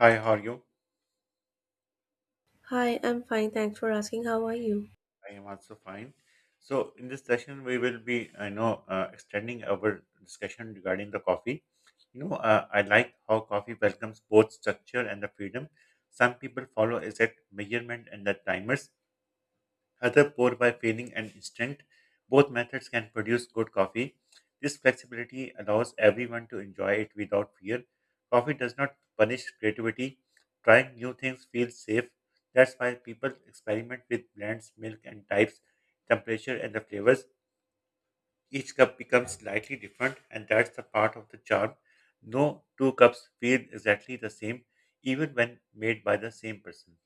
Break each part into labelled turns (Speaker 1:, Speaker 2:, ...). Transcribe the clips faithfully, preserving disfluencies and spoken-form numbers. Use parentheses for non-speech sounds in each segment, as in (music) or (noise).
Speaker 1: Hi, how are you?
Speaker 2: Hi, I'm fine. Thanks for asking. How are you?
Speaker 1: I am also fine. So, in this session, we will be, I know, uh, extending our discussion regarding the coffee. You know, uh, I like how coffee welcomes both structure and the freedom. Some people follow exact measurement and the timers, other pour by feeling and instinct. Both methods can produce good coffee. This flexibility allows everyone to enjoy it without fear. Coffee does not punish creativity. Trying new things feels safe. That's why people experiment with blends, milk, and types, temperature, and the flavors. Each cup becomes slightly different, and that's the part of the charm. No two cups feel exactly the same, even when made by the same person.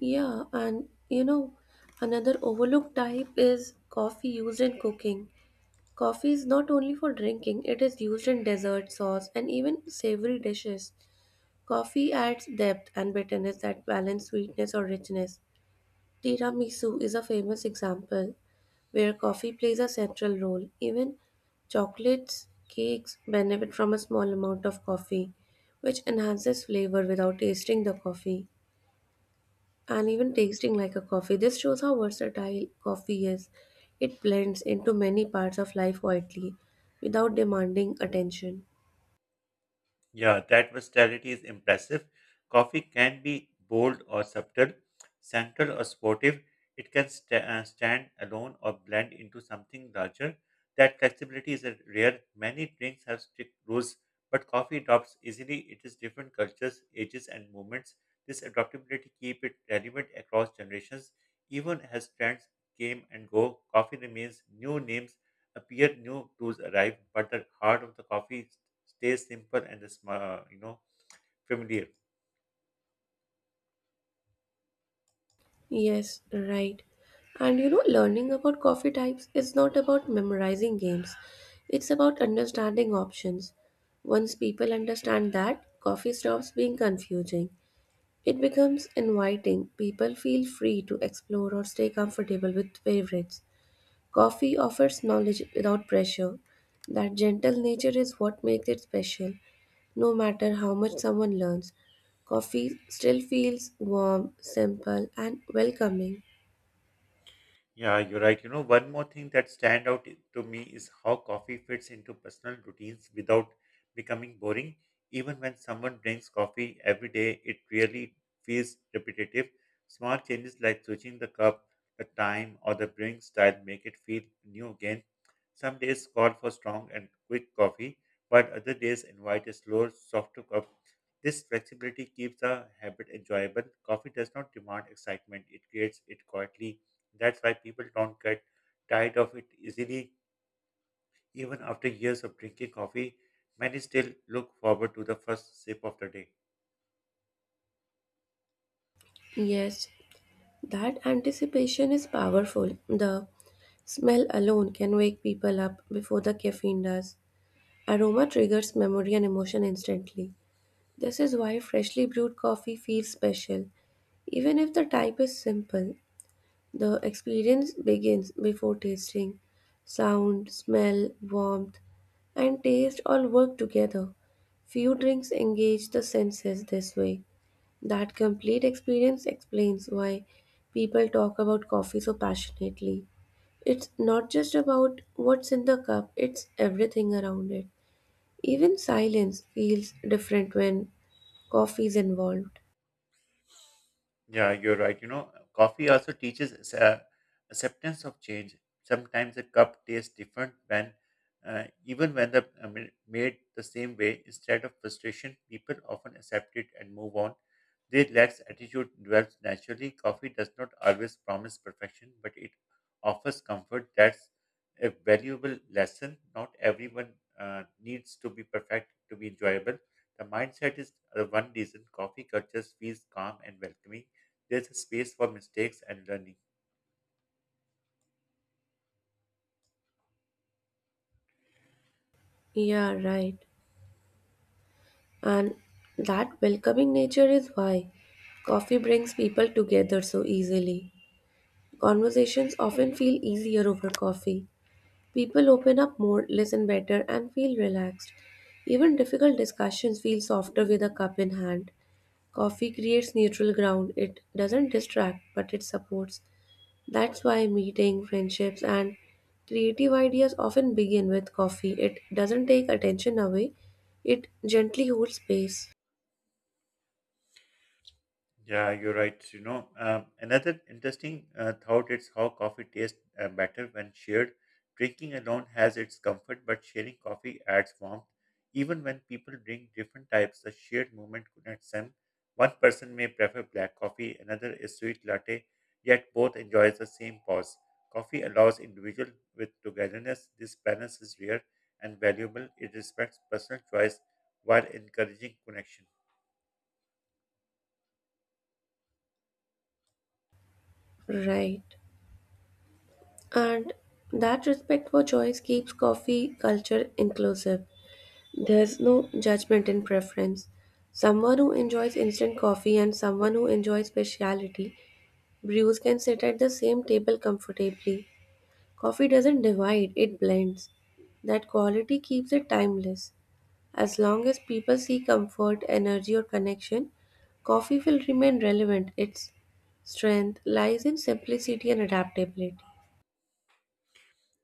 Speaker 2: Yeah, and you know, another overlooked type is coffee used in cooking. Coffee is not only for drinking, it is used in dessert, sauce, and even savory dishes. Coffee adds depth and bitterness that balance sweetness or richness. Tiramisu is a famous example where coffee plays a central role. Even chocolates, cakes benefit from a small amount of coffee, which enhances flavor without tasting the coffee. And even tasting like a coffee. This shows how versatile coffee is. It blends into many parts of life quietly without demanding attention.
Speaker 1: Yeah, that versatility is impressive. Coffee can be bold or subtle, central or sportive. It can sta uh, stand alone or blend into something larger. That flexibility is a rare. Many drinks have strict rules, but coffee adopts easily. It is different cultures, ages, and moments. This adaptability keep it relevant across generations. Even as trends came and go, coffee remains. New names appear, new tools arrive, but the heart of the coffee stay simple and sma- you know familiar.
Speaker 2: Yes, right. And you know, learning about coffee types is not about memorizing games, it's about understanding options. Once people understand that, coffee stops being confusing. It becomes inviting. People feel free to explore or stay comfortable with favorites. Coffee offers knowledge without pressure. That gentle nature is what makes it special. No matter how much someone learns, coffee still feels warm, simple, and welcoming.
Speaker 1: Yeah, you're right. You know, one more thing that stand out i- to me is how coffee fits into personal routines without becoming boring. Even when someone drinks coffee every day, it really feels repetitive. Small changes like switching the cup, the time, or the brewing style make it feel new again. Some days call for strong and quick coffee, but other days invite a slower, softer cup. This flexibility keeps the habit enjoyable. Coffee does not demand excitement, it creates it quietly. That's why people don't get tired of it easily. Even after years of drinking coffee, many still look forward to the first sip of the day.
Speaker 2: Yes, that anticipation is powerful. The smell alone can wake people up before the caffeine does. Aroma triggers memory and emotion instantly. This is why freshly brewed coffee feels special. Even if the type is simple, the experience begins before tasting. Sound, smell, warmth, and taste all work together. Few drinks engage the senses this way. That complete experience explains why people talk about coffee so passionately. It's not just about what's in the cup, it's everything around it. Even silence feels different when coffee is involved.
Speaker 1: Yeah, you're right. You know, coffee also teaches us, uh, acceptance of change. Sometimes a cup tastes different when, uh, even when the I mean, made the same way. Instead of frustration, people often accept it and move on. Their relaxed attitude develops naturally. Coffee does not always promise perfection, but it offers comfort. That's a valuable lesson. Not everyone uh, needs to be perfect to be enjoyable. The mindset is the one reason coffee cultures feels calm and welcoming. There's a space for mistakes and learning.
Speaker 2: Yeah, right. And that welcoming nature is why coffee brings people together so easily. Conversations often feel easier over coffee. People open up more, listen better, and feel relaxed. Even difficult discussions feel softer with a cup in hand. Coffee creates neutral ground. It doesn't distract, but it supports. That's why meeting, friendships, and creative ideas often begin with coffee. It doesn't take attention away, it gently holds space.
Speaker 1: Yeah, you're right. You know, um, another interesting uh, thought is how coffee tastes uh, better when shared. Drinking alone has its comfort, but sharing coffee adds warmth. Even when people drink different types, the shared moment connects them. One person may prefer black coffee, another is sweet latte, yet both enjoys the same pause. Coffee allows individual with togetherness. This balance is rare and valuable. It respects personal choice while encouraging connection.
Speaker 2: Right. And that respect for choice keeps coffee culture inclusive. There's no judgment in preference. Someone who enjoys instant coffee and someone who enjoys specialty brews can sit at the same table comfortably. Coffee doesn't divide, it blends. That quality keeps it timeless. As long as people see comfort, energy, or connection, coffee will remain relevant. Its strength lies in simplicity and adaptability.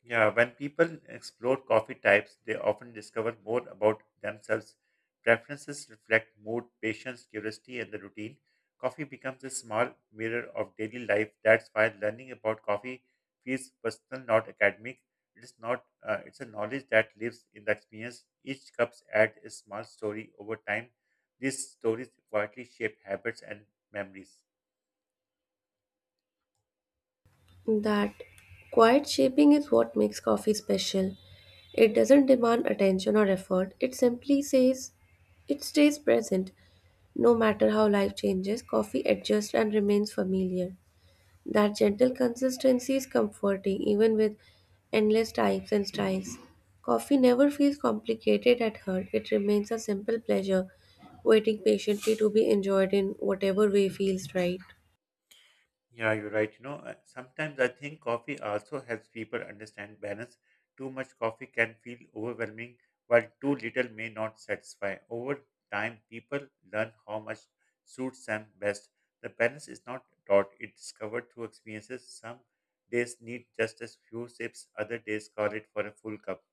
Speaker 1: Yeah, when people explore coffee types, they often discover more about themselves. Preferences reflect mood, patience, curiosity, and the routine. Coffee becomes a small mirror of daily life. That's why learning about coffee feels personal, not academic. It is not. Uh, it's a knowledge that lives in the experience. Each cup adds a small story over time. These stories quietly shape habits and memories.
Speaker 2: That quiet shaping is what makes coffee special. It doesn't demand attention or effort. It simply says it stays present. No matter how life changes, coffee adjusts and remains familiar. That gentle consistency is comforting even with endless types and styles. Coffee never feels complicated at heart. It remains a simple pleasure, waiting patiently to be enjoyed in whatever way feels right.
Speaker 1: Yeah, you're right. You know, uh, sometimes I think coffee also helps people understand balance. Too much coffee can feel overwhelming, while too little may not satisfy. Over time, people learn how much suits them best. The balance is not taught, it's discovered through experiences. Some days need just a few sips, other days call it for a full cup.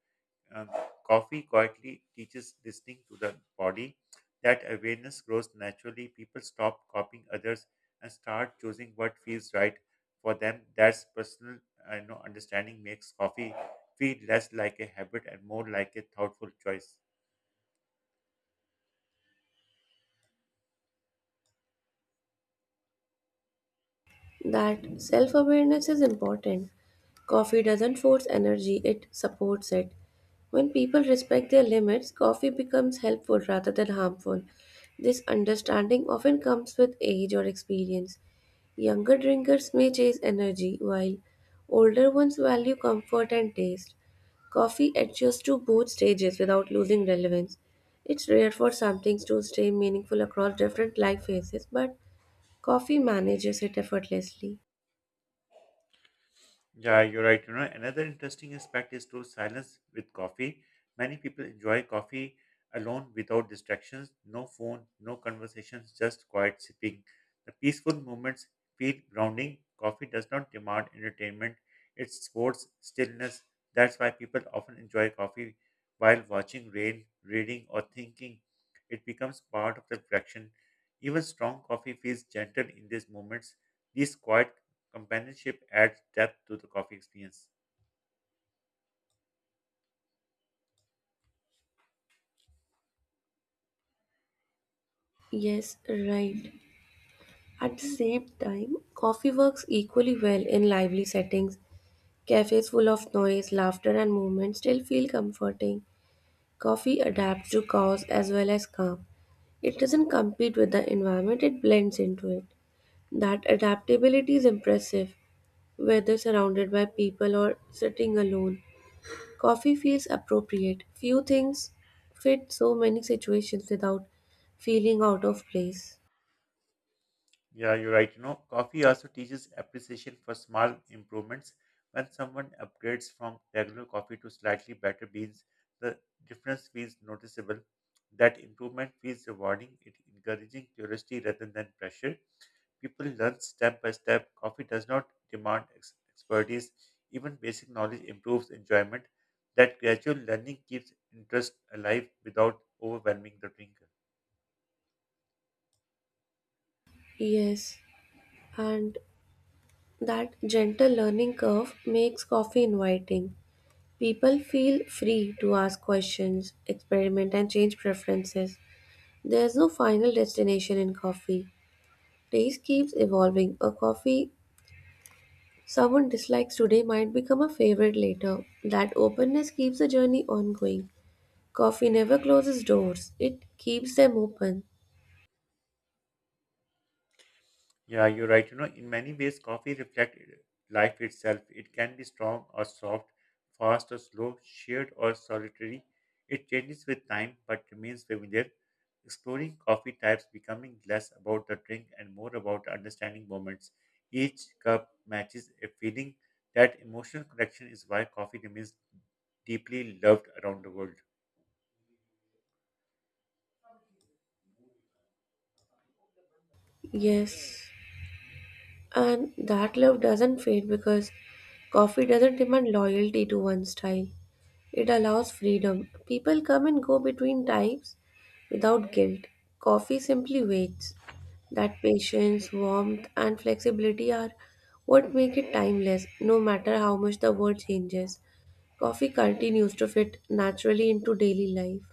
Speaker 1: Uh, Coffee quietly teaches listening to the body. That awareness grows naturally. People stop copying others and start choosing what feels right for them. That's personal I know, understanding makes coffee feel less like a habit and more like a thoughtful choice.
Speaker 2: That self awareness is important. Coffee doesn't force energy, it supports it. When people respect their limits, coffee becomes helpful rather than harmful. This understanding often comes with age or experience. Younger drinkers may chase energy, while older ones value comfort and taste. Coffee adjusts to both stages without losing relevance. It's rare for some things to stay meaningful across different life phases, but coffee manages it effortlessly.
Speaker 1: Yeah, you're right. You know, another interesting aspect is to silence with coffee. Many people enjoy coffee alone without distractions, no phone, no conversations, just quiet sipping. The peaceful moments feel grounding. Coffee does not demand entertainment, it supports stillness. That's why people often enjoy coffee while watching rain, reading, or thinking. It becomes part of the reflection. Even strong coffee feels gentle in these moments. These quiet companionship adds depth to the coffee experience.
Speaker 2: Yes, right. At the same time, coffee works equally well in lively settings. Cafes full of noise, laughter, and movement still feel comforting. Coffee adapts to chaos as well as calm. It doesn't compete with the environment, it blends into it. That adaptability is impressive, whether surrounded by people or sitting alone. Coffee feels appropriate. Few things fit so many situations without feeling out of place.
Speaker 1: Yeah, you're right. You know, coffee also teaches appreciation for small improvements. When someone upgrades from regular coffee to slightly better beans, the difference feels noticeable. That improvement feels rewarding, it encouraging curiosity rather than pressure. People learn step by step. Coffee does not demand ex- expertise. Even basic knowledge improves enjoyment. That gradual learning keeps interest alive without overwhelming the drinker.
Speaker 2: Yes, and that gentle learning curve makes coffee inviting. People feel free to ask questions, experiment, and change preferences. There's no final destination in coffee. Taste keeps evolving. A coffee someone dislikes today might become a favorite later. That openness keeps the journey ongoing. Coffee never closes doors, it keeps them open.
Speaker 1: Yeah, you're right. You know, in many ways, coffee reflects life itself. It can be strong or soft, fast or slow, shared or solitary. It changes with time but remains familiar. Exploring coffee types, becoming less about the drink and more about understanding moments. Each cup matches a feeling. That emotional connection is why coffee remains deeply loved around the world.
Speaker 2: Yes. And that love doesn't fade because coffee doesn't demand loyalty to one style. It allows freedom. People come and go between types without guilt. Coffee simply waits. That patience, warmth, and flexibility are what make it timeless, no matter how much the world changes. Coffee continues to fit naturally into daily life.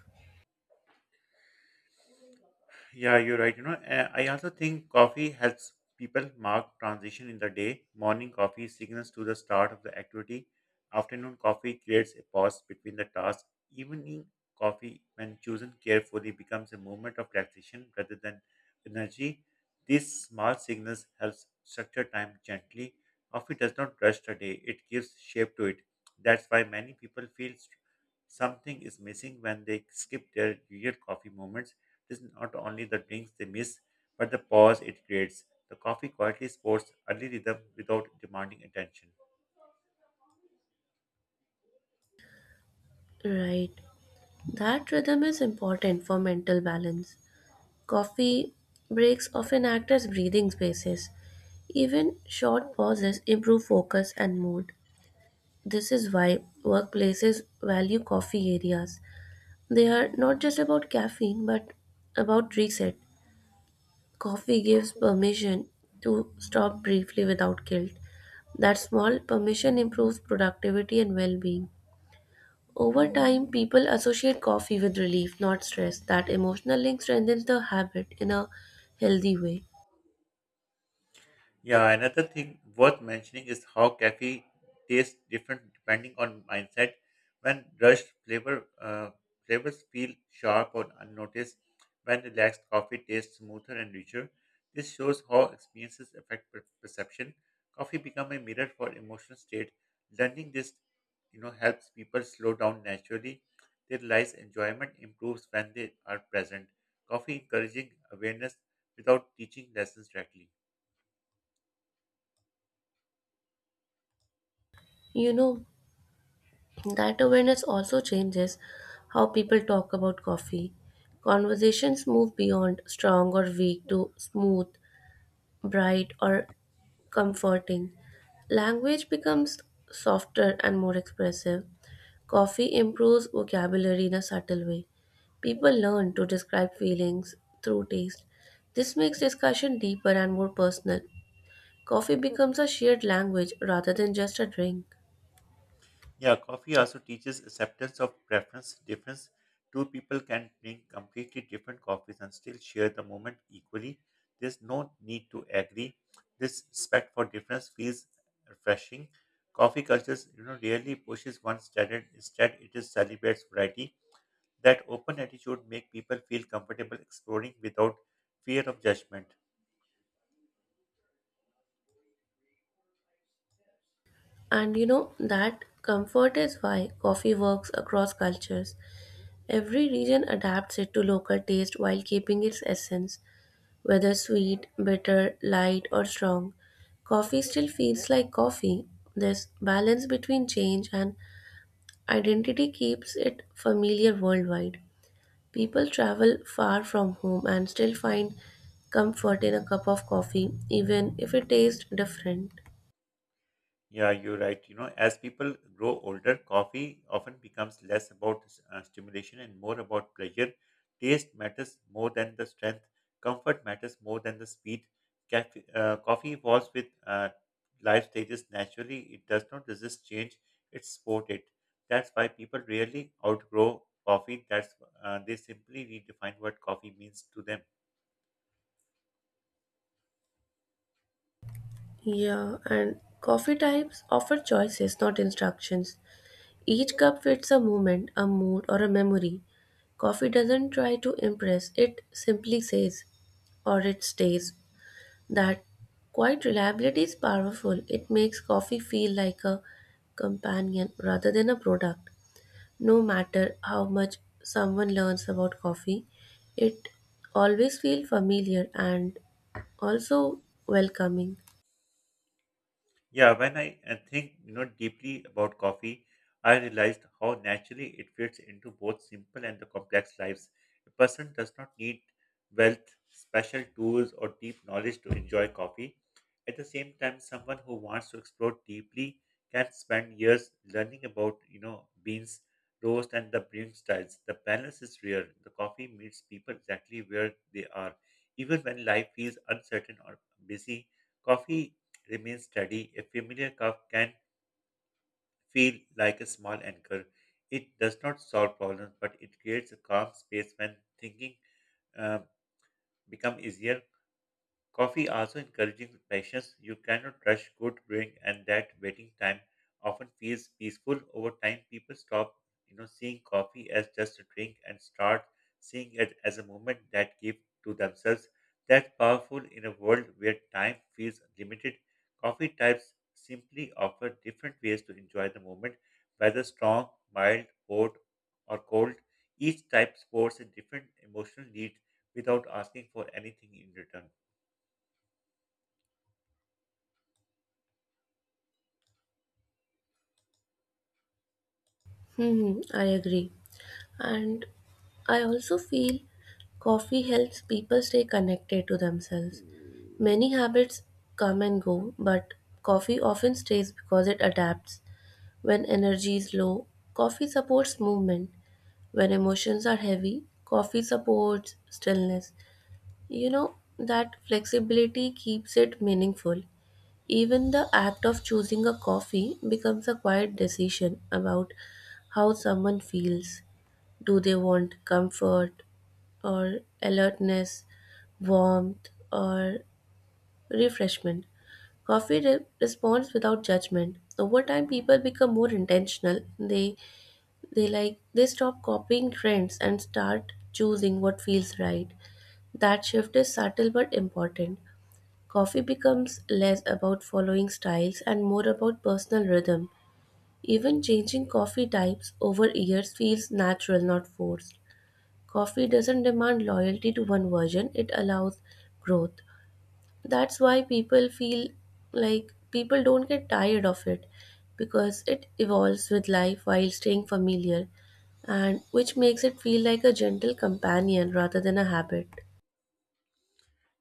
Speaker 1: Yeah, you're right. You know, uh, I also think coffee helps people mark transition in the day. Morning coffee signals to the start of the activity. Afternoon coffee creates a pause between the tasks. Evening coffee, when chosen carefully, becomes a moment of relaxation rather than energy. These small signals helps structure time gently. Coffee does not rush the day; it gives shape to it. That's why many people feel st- something is missing when they skip their usual coffee moments. This is not only the drinks they miss, but the pause it creates. The coffee quietly sports early rhythm without demanding attention.
Speaker 2: Right. That rhythm is important for mental balance. Coffee breaks often act as breathing spaces. Even short pauses improve focus and mood. This is why workplaces value coffee areas. They are not just about caffeine but about reset. Coffee gives permission to stop briefly without guilt. That small permission improves productivity and well being. Over time, people associate coffee with relief, not stress. That emotional link strengthens the habit in a healthy way.
Speaker 1: Yeah, another thing worth mentioning is how coffee tastes different depending on mindset. When rushed, flavor uh, flavors feel sharp or unnoticed. When relaxed, coffee tastes smoother and richer. This shows how experiences affect per- perception. Coffee become a mirror for emotional state. Learning this, you know, helps people slow down naturally. They realize enjoyment improves when they are present. Coffee encouraging awareness without teaching lessons directly.
Speaker 2: You know, that awareness also changes how people talk about coffee. Conversations move beyond strong or weak to smooth, bright, or comforting. Language becomes softer and more expressive. Coffee improves vocabulary in a subtle way. People learn to describe feelings through taste. This makes discussion deeper and more personal. Coffee becomes a shared language rather than just a drink.
Speaker 1: Yeah, coffee also teaches acceptance of preference difference. Two people can drink completely different coffees and still share the moment equally. There's no need to agree. This respect for difference feels refreshing. Coffee cultures, you know, rarely pushes one standard. Instead, it is celebrates variety. That open attitude make people feel comfortable exploring without fear of judgment.
Speaker 2: And you know, that comfort is why coffee works across cultures. Every region adapts it to local taste while keeping its essence, whether sweet, bitter, light, or strong. Coffee still feels like coffee. This balance between change and identity keeps it familiar worldwide. People travel far from home and still find comfort in a cup of coffee, even if it tastes different.
Speaker 1: Yeah, you're right. You know, as people grow older, coffee often becomes less about uh, stimulation and more about pleasure. Taste matters more than the strength. Comfort matters more than the speed. Cafe, uh, coffee evolves with uh, life stages naturally. It does not resist change. It's supported. That's why people rarely outgrow coffee. That's uh, They simply redefine what coffee means to them.
Speaker 2: Yeah, and coffee types offer choices, not instructions. Each cup fits a moment, a mood, or a memory. Coffee doesn't try to impress, it simply says, or it stays. That quite reliability is powerful. It makes coffee feel like a companion rather than a product. No matter how much someone learns about coffee, it always feels familiar and also welcoming.
Speaker 1: Yeah, when I uh, think you know deeply about coffee, I realized how naturally it fits into both simple and the complex lives. A person does not need wealth, special tools, or deep knowledge to enjoy coffee. At the same time, someone who wants to explore deeply can spend years learning about, you know, beans, roast, and the brewing styles. The balance is rare. The coffee meets people exactly where they are. Even when life feels uncertain or busy, coffee remains steady. A familiar cup can feel like a small anchor. It does not solve problems, but it creates a calm space when thinking uh, become easier. Coffee also encourages patience. You cannot rush good brewing, and that waiting time often feels peaceful. Over time, people stop, you know, seeing coffee as just a drink and start seeing it as a moment that give to themselves. That's powerful in a world where time feels limited. Coffee types simply offer different ways to enjoy the moment, whether strong, mild, hot, or cold. Each type sports a different emotional need without asking for anything in return.
Speaker 2: Hmm, hmm, I agree. And I also feel coffee helps people stay connected to themselves. Many habits come and go, but coffee often stays because it adapts. When energy is low, coffee supports movement. When emotions are heavy, coffee supports stillness. You know, that flexibility keeps it meaningful. Even the act of choosing a coffee becomes a quiet decision about how someone feels. Do they want comfort, or alertness, warmth, or refreshment. Coffee re- responds without judgment. Over time, people become more intentional. They they like they stop copying trends and start choosing what feels right. That shift is subtle but important. Coffee becomes less about following styles and more about personal rhythm. Even changing coffee types over years feels natural, not forced. Coffee doesn't demand loyalty to one version, it allows growth. That's why people feel like people don't get tired of it because it evolves with life while staying familiar, and which makes it feel like a gentle companion rather than a habit.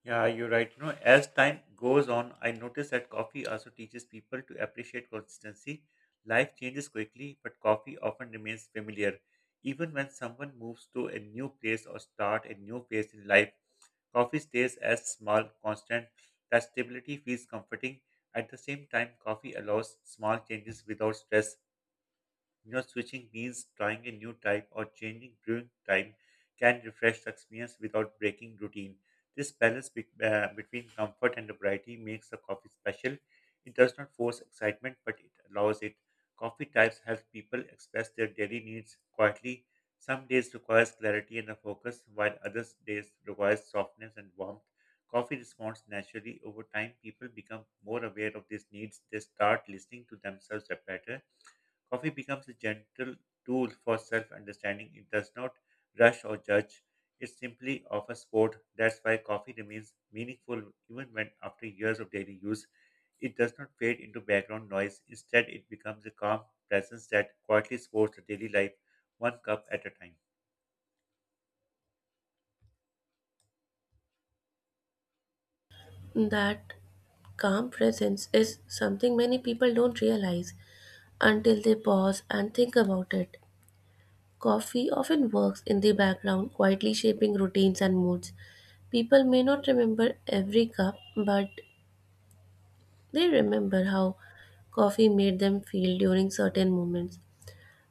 Speaker 1: Yeah, you're right. You know, as time goes on, I notice that coffee also teaches people to appreciate consistency. Life changes quickly, but coffee often remains familiar. Even when someone moves to a new place or start a new phase in life, coffee stays as small, constant. That stability feels comforting. At the same time, coffee allows small changes without stress. You know, switching means trying a new type or changing brewing time can refresh the experience without breaking routine. This balance be- uh, between comfort and variety makes the coffee special. It does not force excitement, but it allows it. Coffee types help people express their daily needs quietly. Some days requires clarity and a focus, while others days requires softness and warmth. Coffee responds naturally over time. People become more aware of these needs. They start listening to themselves better. Coffee becomes a gentle tool for self understanding. It does not rush or judge, it simply offers support. That's why coffee remains meaningful even when, after years of daily use, it does not fade into background noise. Instead, it becomes a calm presence that quietly supports the daily life one cup at a time.
Speaker 2: That calm presence is something many people don't realize until they pause and think about it. Coffee often works in the background, quietly shaping routines and moods. People may not remember every cup, but they remember how coffee made them feel during certain moments.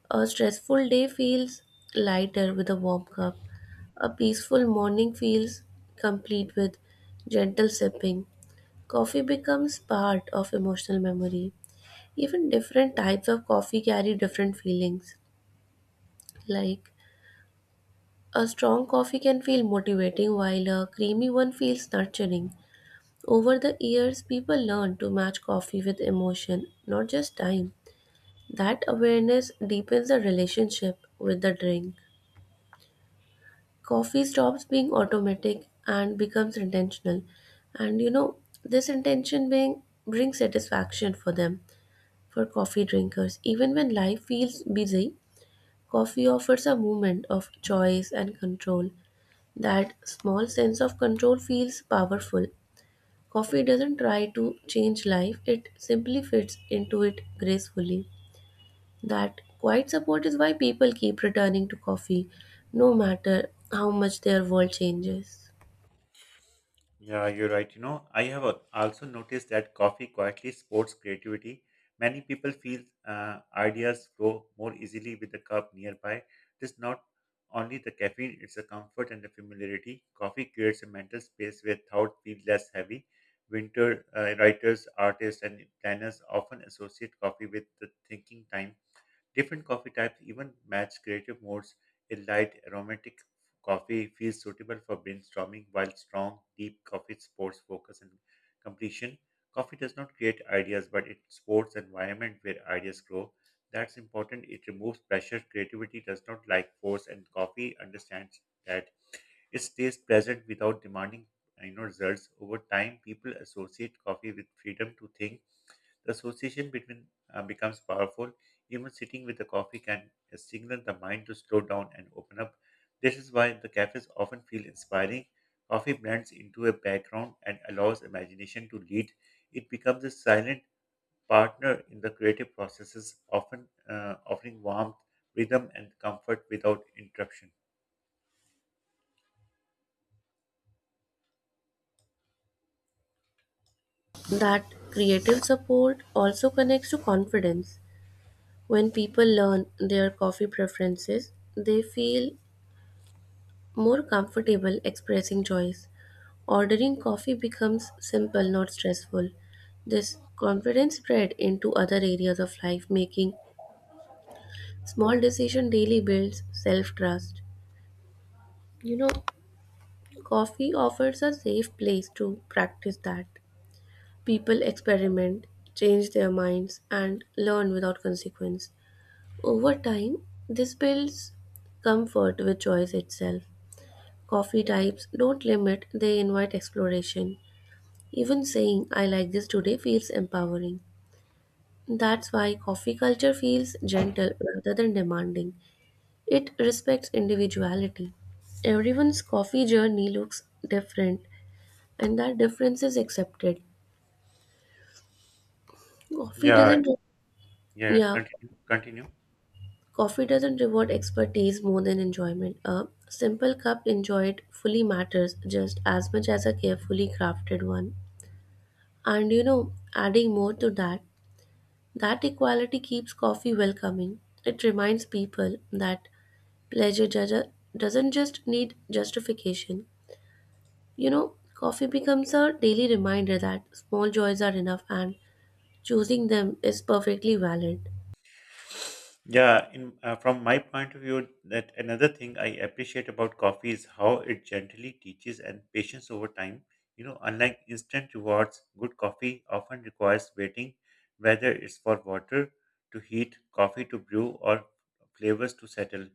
Speaker 2: A stressful day feels lighter with a warm cup. A peaceful morning feels complete with gentle sipping. Coffee becomes part of emotional memory. Even different types of coffee carry different feelings, like a strong coffee can feel motivating while a creamy one feels nurturing. Over the years, people learn to match coffee with emotion, not just time. That awareness deepens the relationship with the drink. Coffee stops being automatic and becomes intentional. And you know, this intention being brings satisfaction for them, for coffee drinkers. Even when life feels busy, coffee offers a moment of choice and control. That small sense of control feels powerful. Coffee doesn't try to change life, it simply fits into it gracefully. That quiet support is why people keep returning to coffee, no matter how much their world changes.
Speaker 1: Yeah, you're right. You know, I have a- also noticed that coffee quietly supports creativity. Many people feel uh, ideas grow more easily with a cup nearby. It's not only the caffeine, it's the comfort and the familiarity. Coffee creates a mental space where thought feels less heavy. Winter uh, writers, artists, and planners often associate coffee with the thinking time. Different coffee types even match creative modes. A light, aromatic coffee feels suitable for brainstorming, while strong, deep coffee supports focus and completion. Coffee does not create ideas, but it supports an environment where ideas grow. That's important. It removes pressure. Creativity does not like force, and coffee understands that. It stays present without demanding you know results. Over time, people associate coffee with freedom to think. The association between uh, becomes powerful. Even sitting with a coffee can uh, signal the mind to slow down and open up. This is why the cafes often feel inspiring. Coffee blends into a background and allows imagination to lead. It becomes a silent partner in the creative processes, often uh, offering warmth, rhythm, and comfort without interruption.
Speaker 2: That creative support also connects to confidence. When people learn their coffee preferences, they feel more comfortable expressing choice. Ordering coffee becomes simple, not stressful. This confidence spread into other areas of life, making small decision daily builds self trust. You know, coffee offers a safe place to practice that. People experiment, change their minds, and learn without consequence. Over time, this builds comfort with choice itself. Coffee types don't limit, they invite exploration. Even saying I like this today feels empowering. That's why coffee culture feels gentle rather than demanding. It respects individuality. Everyone's coffee journey looks different and that difference is accepted. Coffee
Speaker 1: Yeah,
Speaker 2: doesn't
Speaker 1: yeah.
Speaker 2: yeah,
Speaker 1: Continue. Continue.
Speaker 2: coffee doesn't reward expertise more than enjoyment. A simple cup enjoyed fully matters just as much as a carefully crafted one. And you know, adding more to that, that equality keeps coffee welcoming. It reminds people that pleasure ju- doesn't just need justification. You know, coffee becomes a daily reminder that small joys are enough and choosing them is perfectly valid.
Speaker 1: Yeah, in, uh, from my point of view, that another thing I appreciate about coffee is how it gently teaches and patience over time. You know, unlike instant rewards, good coffee often requires waiting, whether it's for water to heat, coffee to brew, or flavors to settle.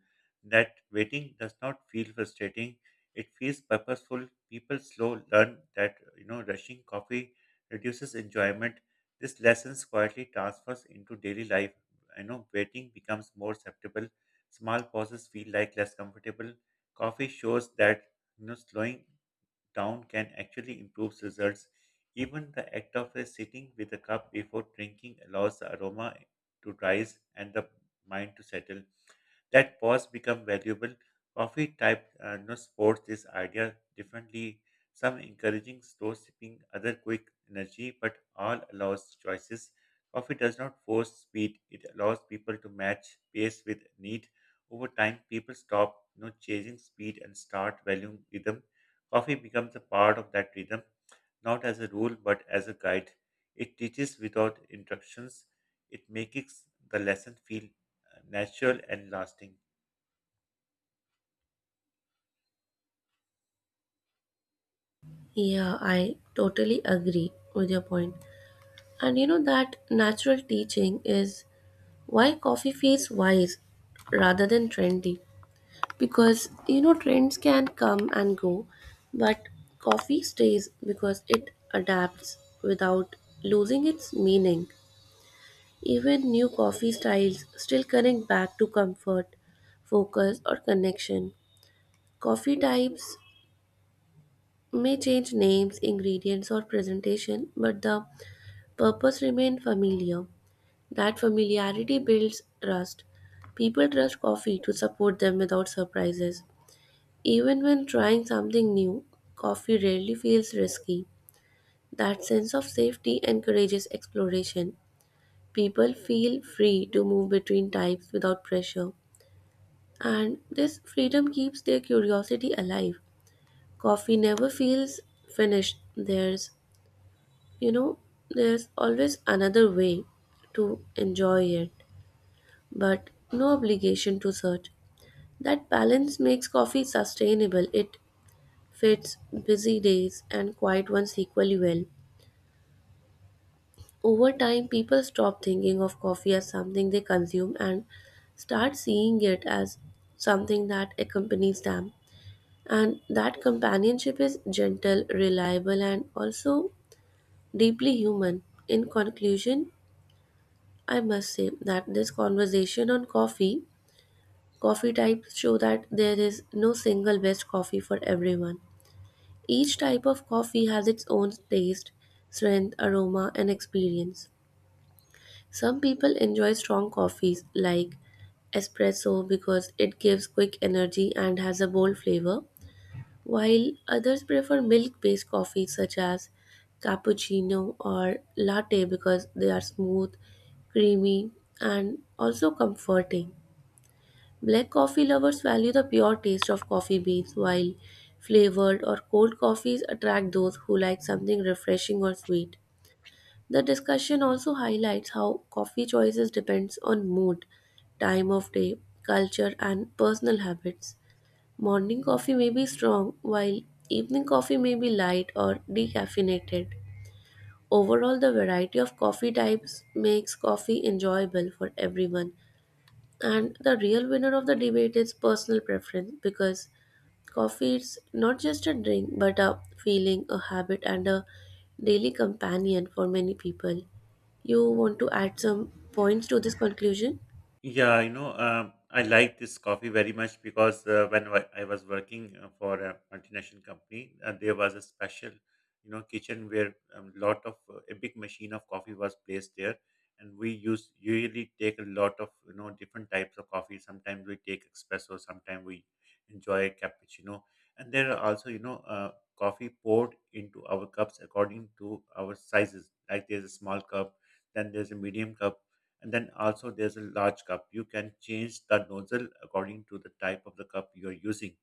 Speaker 1: That waiting does not feel frustrating. It feels purposeful. People slow learn that, you know, rushing coffee reduces enjoyment. This lessons quietly transfers into daily life you know Waiting becomes more acceptable. Small pauses feel like less comfortable. Coffee shows that, you know slowing down can actually improve results. Even the act of uh, sitting with a cup before drinking allows the aroma to rise and the mind to settle. That pause become valuable. Coffee type uh, you know, supports this idea differently, some encouraging slow sipping, other quick energy, but all allows choices. Coffee does not force speed, it allows people to match pace with need. Over time, people stop, you know, chasing speed and start valuing rhythm. Coffee becomes a part of that rhythm, not as a rule, but as a guide. It teaches without instructions. It makes the lesson feel uh, natural and lasting.
Speaker 2: Yeah, I totally agree with your point. And you know, that natural teaching is why coffee feels wise rather than trendy. Because you know trends can come and go, but coffee stays because it adapts without losing its meaning. Even new coffee styles still connect back to comfort, focus, or connection. Coffee types may change names, ingredients, or presentation, but the purpose remains familiar. That familiarity builds trust. People trust coffee to support them without surprises. Even when trying something new, coffee rarely feels risky. That sense of safety encourages exploration. People feel free to move between types without pressure, and this freedom keeps their curiosity alive. Coffee never feels finished. There's, you know, there's always another way to enjoy it, but no obligation to search. That balance makes coffee sustainable. It fits busy days, and quiet ones equally well. Over time, people stop thinking of coffee as something they consume and start seeing it as something that accompanies them. And that companionship is gentle, reliable, and also deeply human. In conclusion, I must say that this conversation on coffee, coffee types show that there is no single best coffee for everyone. Each type of coffee has its own taste, strength, aroma, and experience. Some people enjoy strong coffees like espresso because it gives quick energy and has a bold flavor, while others prefer milk based coffees such as cappuccino or latte because they are smooth, creamy, and also comforting. Black coffee lovers value the pure taste of coffee beans, while flavored or cold coffees attract those who like something refreshing or sweet. The discussion also highlights how coffee choices depends on mood, time of day, culture and personal habits. Morning coffee may be strong while evening coffee may be light or decaffeinated. Overall, the variety of coffee types makes coffee enjoyable for everyone. And the real winner of the debate is personal preference because coffee is not just a drink but a feeling, a habit, and a daily companion for many people. You want to add some points to this conclusion?
Speaker 1: Yeah, you know, um, I like this coffee very much because uh, when wa- I was working uh, for a multinational company, uh, there was a special, you know, kitchen where a lot of uh, a big machine of coffee was placed there, and we used usually take a lot of, you know different types of coffee. Sometimes we take espresso, sometimes we enjoy cappuccino, and there are also, you know uh, coffee poured into our cups according to our sizes. Like there's a small cup, then there's a medium cup, and then also there's a large cup. You can change the nozzle according to the type of the cup you're using.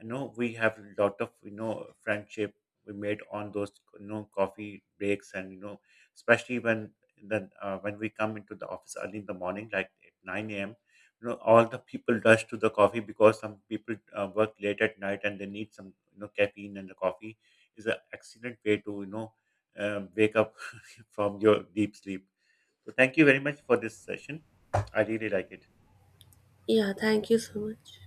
Speaker 1: I know we have a lot of, you know friendship we made on those, you know coffee breaks, and, you know especially when then uh, when we come into the office early in the morning, like at nine a m, you know, all the people rush to the coffee because some people uh, work late at night and they need some, you know caffeine, and the coffee is an excellent way to, you know um wake up (laughs) from your deep sleep. So thank you very much for this session. I really like it.
Speaker 2: Yeah, thank you so much.